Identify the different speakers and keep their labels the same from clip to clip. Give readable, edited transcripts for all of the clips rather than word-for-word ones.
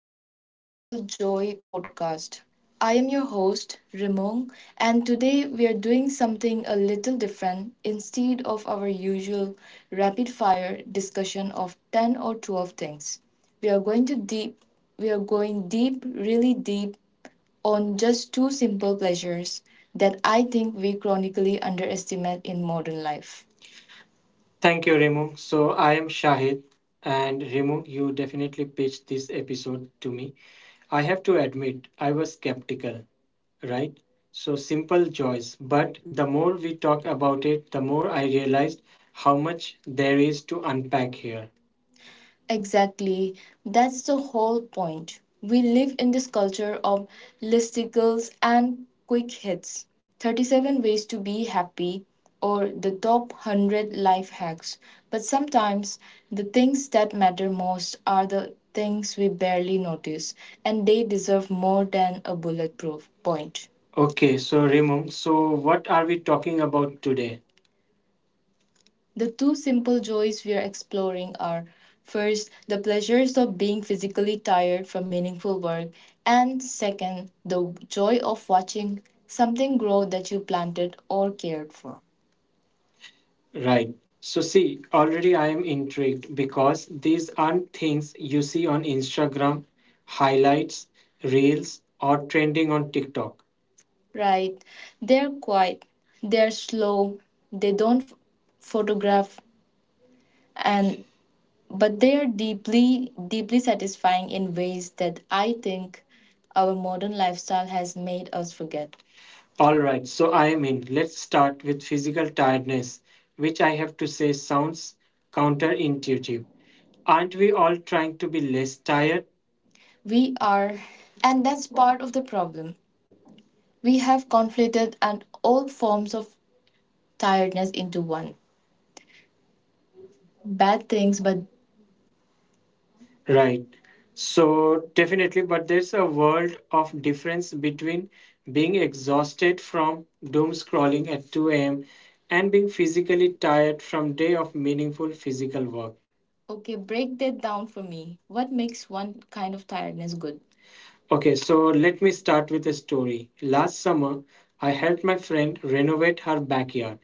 Speaker 1: back to the Simple Joy podcast. I am your host, Rimong, and today we are doing something a little different instead of our usual rapid fire discussion of 10 or 12 things. We are going to deep we are going deep, really deep on just two simple pleasures that I think we chronically underestimate in modern life. Thank you, Remu. So I am Shahid, and Remu, you definitely pitched this episode to me. I have to admit, I was skeptical, right? So simple joys. But the more we talk about it, the more I realized how much there is to unpack here. Exactly. That's the whole point. We live in this culture of listicles and quick hits, 37 ways to be happy or the top 100 life hacks. But sometimes the things that matter most are the things we barely notice, and they deserve more than a bulletproof point. Okay, so Raymond, so what are we talking about today? The two simple joys we are exploring are, first, the pleasures of being physically tired from meaningful work, and second, the joy of watching something grow that you planted or cared for. Right. So, see, already I am intrigued because these aren't things you see on Instagram highlights, reels, or trending on TikTok. Right. They're quiet, they're slow, they don't photograph, and but they are deeply deeply satisfying in ways that I think our modern lifestyle has made us forget. All right, so I mean, let's start with physical tiredness, which I have to say sounds counterintuitive. Aren't we all trying to be less tired? We are, and that's part of the problem. We have conflated and all forms of tiredness into one bad things, but right. So definitely, but there's a world of difference between being exhausted from doom scrolling at 2 a.m. and being physically tired from day of meaningful physical work. Okay, break that down for me. What makes one kind of tiredness good? Okay, so let me start with a story. Last summer, I helped my friend renovate her backyard.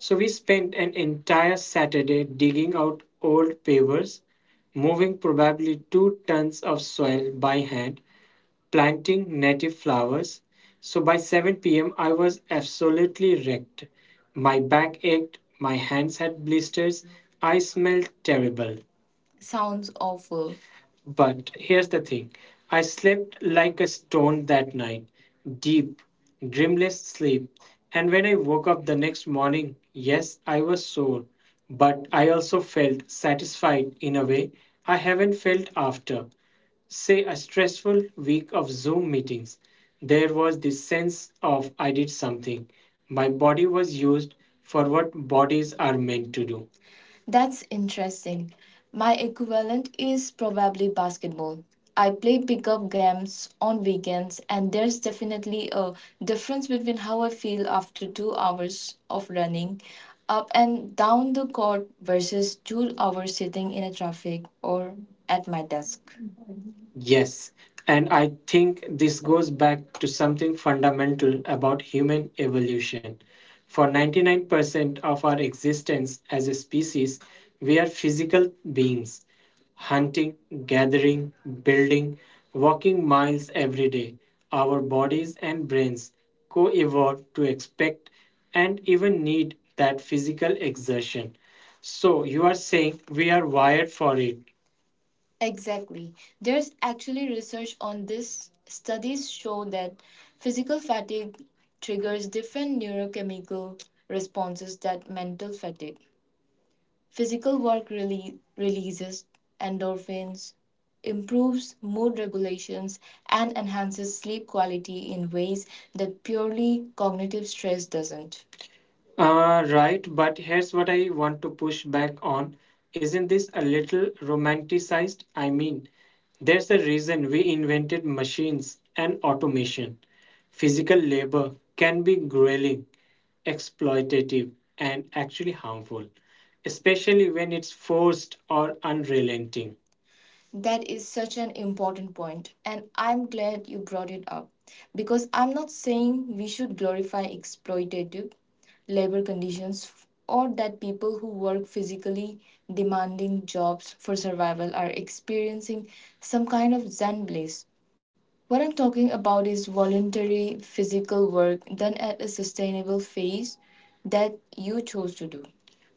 Speaker 1: So we spent an entire Saturday digging out old pavers, moving probably two tons of soil by hand, planting native flowers. So by 7 p.m., I was absolutely wrecked. My back ached, my hands had blisters, I smelled terrible. Sounds awful. But here's the thing, I slept like a stone that night, deep, dreamless sleep. And when I woke up the next morning, yes, I was sore, but I also felt satisfied in a way I haven't felt after, say, a stressful week of Zoom meetings. There was this sense of I did something. My body was used for what bodies are meant to do. That's interesting. My equivalent is probably basketball. I play pickup games on weekends, and there's definitely a difference between how I feel after 2 hours of running up and down the court versus 2 hours sitting in a traffic or at my desk. Yes, and I think this goes back to something fundamental about human evolution. For 99% of our existence as a species, we are physical beings, hunting, gathering, building, walking miles every day. Our bodies and brains co evolved to expect and even need that physical exertion. So you are saying we are wired for it. Exactly. There's actually research on this. Studies show that physical fatigue triggers different neurochemical responses that mental fatigue. Physical work really releases endorphins, improves mood regulations, and enhances sleep quality in ways that purely cognitive stress doesn't. Right, but here's what I want to push back on. Isn't this a little romanticized? I mean, there's a reason we invented machines and automation. Physical labor can be grueling, exploitative, and actually harmful, especially when it's forced or unrelenting. That is such an important point, and I'm glad you brought it up because I'm not saying we should glorify exploitative labor conditions or that people who work physically demanding jobs for survival are experiencing some kind of zen bliss. What I'm talking about is voluntary physical work done at a sustainable phase that you chose to do.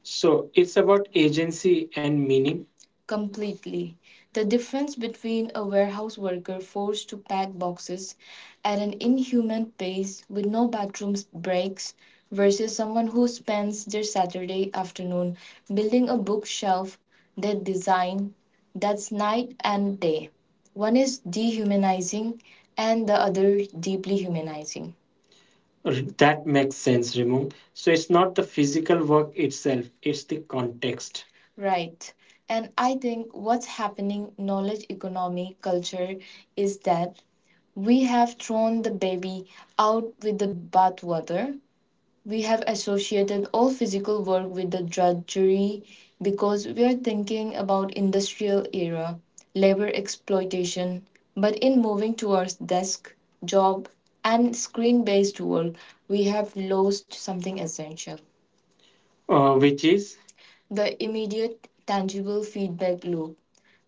Speaker 1: So it's about agency and meaning. Completely. The difference between a warehouse worker forced to pack boxes at an inhuman pace with no bathroom breaks versus someone who spends their Saturday afternoon building a bookshelf they design, that's night and day. One is dehumanizing and the other deeply humanizing. R- That makes sense, Raymond. So it's not the physical work itself, it's the context. Right. And I think what's happening knowledge economy culture is that we have thrown the baby out with the bathwater. We have associated all physical work with the drudgery because we are thinking about industrial era labor exploitation, but in moving towards desk job and screen based work, we have lost something essential, which is the immediate tangible feedback loop.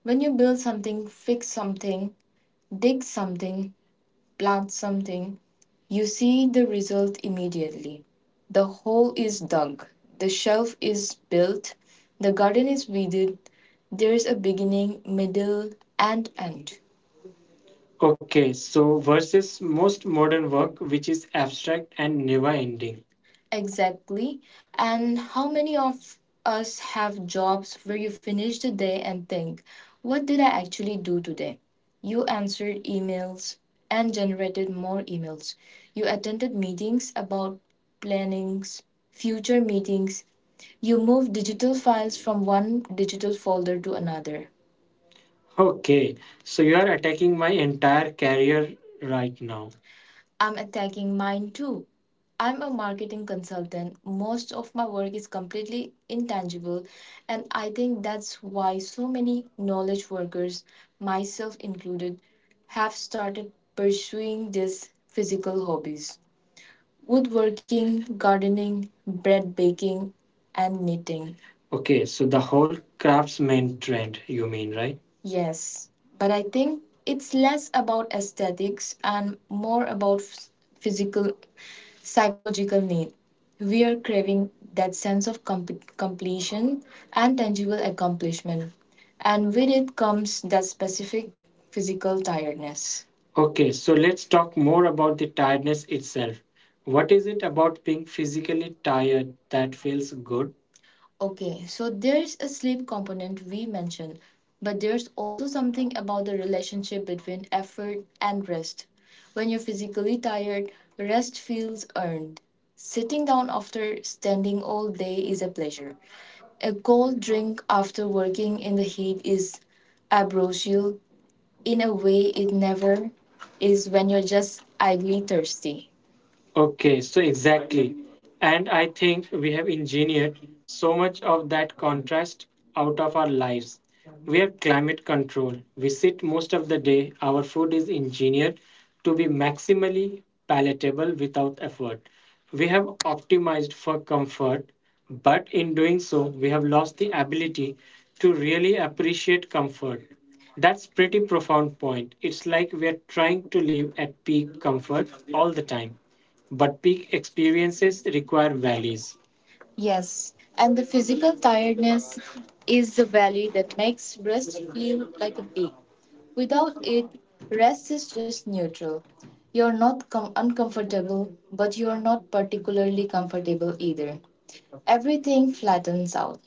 Speaker 1: When you build something, fix something, dig something, plant something, you see the result immediately. The hole is dug, the shelf is built, the garden is weeded. There's a beginning, middle, and end. Okay, so versus most modern work, which is abstract and never ending. Exactly. And how many of us have jobs where you finish the day and think, what did I actually do today? You answered emails and generated more emails. You attended meetings about plannings, future meetings. You moved digital files from one digital folder to another. Okay, so you are attacking my entire career right now. I'm attacking mine too. I'm a marketing consultant. Most of my work is completely intangible, and I think that's why so many knowledge workers, myself included, have started pursuing these physical hobbies: woodworking, gardening, bread baking, and knitting. Okay, so the whole craftsman trend, you mean, right? Yes, but I think it's less about aesthetics and more about physical psychological need. We are craving that sense of completion and tangible accomplishment. And with it comes that specific physical tiredness. Okay, so let's talk more about the tiredness itself. What is it about being physically tired that feels good? Okay, so there's a sleep component we mentioned, but there's also something about the relationship between effort and rest. When you're physically tired, rest feels earned. Sitting down after standing all day is a pleasure. A cold drink after working in the heat is ambrosial in a way it never is when you're just idly thirsty. Okay, so exactly. And I think we have engineered so much of that contrast out of our lives. We are climate control. We sit most of the day. Our food is engineered to be maximally palatable without effort. We have optimized for comfort, but in doing so, we have lost the ability to really appreciate comfort. That's pretty profound point. It's like we are trying to live at peak comfort all the time. But peak experiences require valleys. Yes, and the physical tiredness is the valley that makes rest feel like a peak. Without it, rest is just neutral. You're not com- uncomfortable, but you're not particularly comfortable either. Everything flattens out.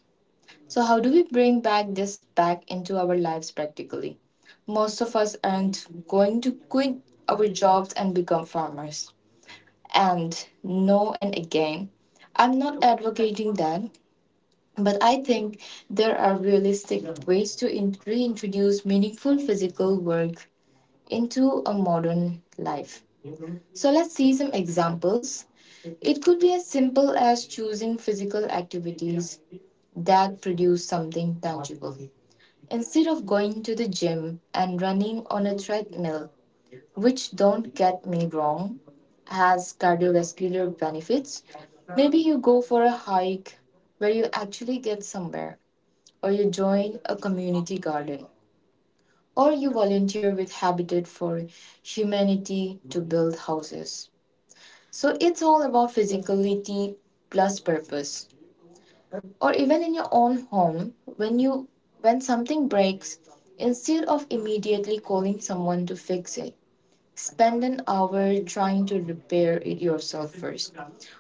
Speaker 1: So, how do we bring back this back into our lives practically? Most of us aren't going to quit our jobs and become farmers, and no and again. I'm not advocating that, but I think there are realistic ways to reintroduce meaningful physical work into a modern life. So let's see some examples. It could be as simple as choosing physical activities that produce something tangible. Instead of going to the gym and running on a treadmill, which don't get me wrong, has cardiovascular benefits. Maybe you go for a hike where you actually get somewhere, or you join a community garden, or you volunteer with Habitat for Humanity to build houses. So it's all about physicality plus purpose. Or even in your own home, when something breaks, instead of immediately calling someone to fix it, spend an hour trying to repair it yourself first.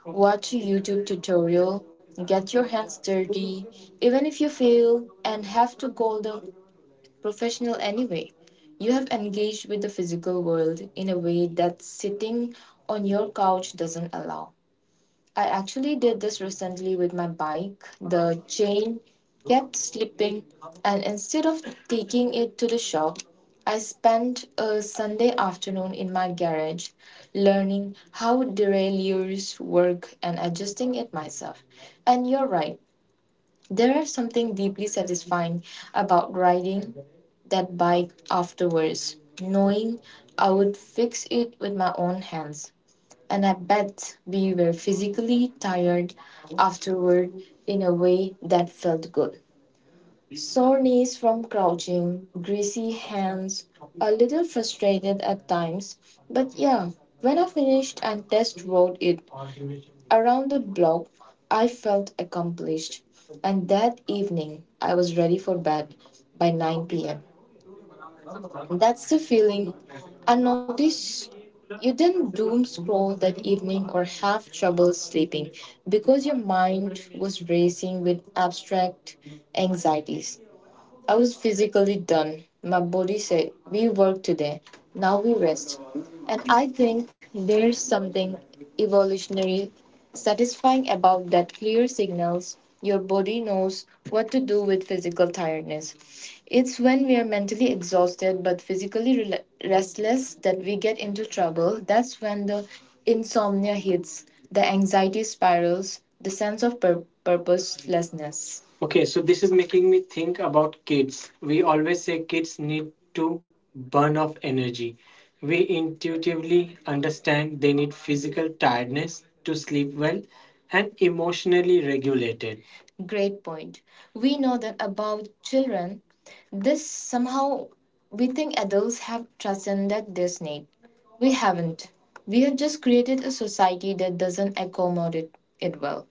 Speaker 1: Watch a YouTube tutorial, get your hands dirty, even if you fail and have to call the professional anyway. You have engaged with the physical world in a way that sitting on your couch doesn't allow. I actually did this recently with my bike. The chain kept slipping, and instead of taking it to the shop, I spent a Sunday afternoon in my garage learning how derailleurs work and adjusting it myself. And you're right, there is something deeply satisfying about riding that bike afterwards, knowing I would fix it with my own hands. And I bet we were physically tired afterward in a way that felt good. Sore knees from crouching, greasy hands, a little frustrated at times. But yeah, when I finished and test rode it around the block, I felt accomplished. And that evening, I was ready for bed by 9 pm. That's the feeling. And notice you didn't doom scroll that evening or have trouble sleeping because your mind was racing with abstract anxieties. I was physically done. My body said, we work today, now we rest. And I think there's something evolutionary satisfying about that clear signals your body knows what to do with physical tiredness. It's when we are mentally exhausted but physically rela restless that we get into trouble. That's when the insomnia hits, the anxiety spirals, the sense of purposelessness. Okay, so this is making me think about kids. We always say kids need to burn off energy. We intuitively understand they need physical tiredness to sleep well and emotionally regulated. Great point. We know that about children, this somehow we think adults have transcended this need. We haven't. We have just created a society that doesn't accommodate it well.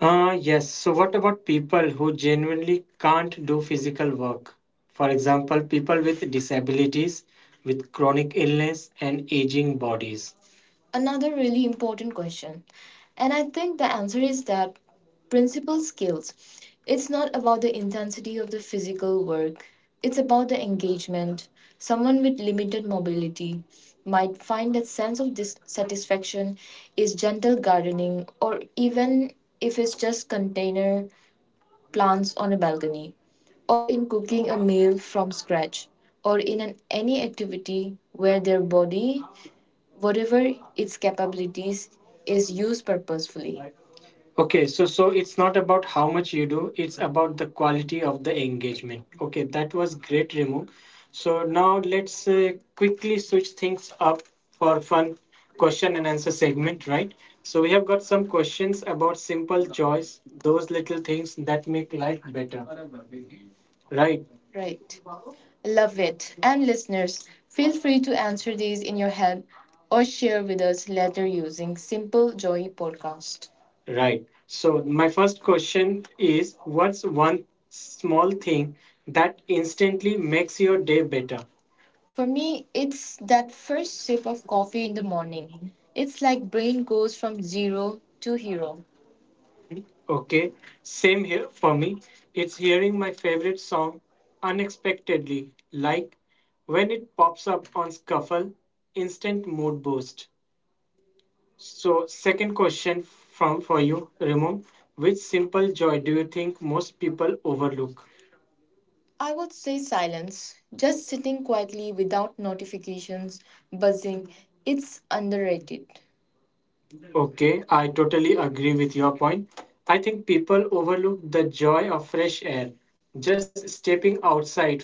Speaker 1: Yes. So, what about people who genuinely can't do physical work? For example, people with disabilities, with chronic illness, and aging bodies. Another really important question. And I think the answer is that principal skills. It's not about the intensity of the physical work, it's about the engagement. Someone with limited mobility might find that sense of dissatisfaction is gentle gardening, or even if it's just container plants on a balcony, or in cooking a meal from scratch, or any activity where their body, whatever its capabilities, is used purposefully. Okay, so it's not about how much you do, it's about the quality of the engagement. Okay, that was great, Remo. So now let's quickly switch things up for fun question and answer segment, right? So we have got some questions about simple joys, those little things that make life better, right? Right. Love it. And listeners, feel free to answer these in your head or share with us later using Simple Joy Podcast. Right. So, my first question is what's one small thing that instantly makes your day better? For me, it's that first sip of coffee in the morning. It's like brain goes from zero to hero. Okay, same here for me. It's hearing my favorite song unexpectedly, like when it pops up on Scuffle, instant mood boost. So, second question from for you, Ramon. Which simple joy do you think most people overlook? I would say silence. Just sitting quietly without notifications buzzing, it's underrated. Okay, I totally agree with your point. I think people overlook the joy of fresh air, just stepping outside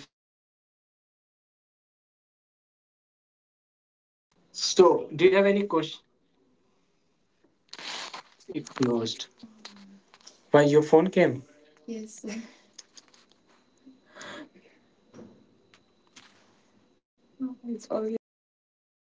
Speaker 2: Do you have any question? It closed. Why your phone came? Yes, it's already gone now.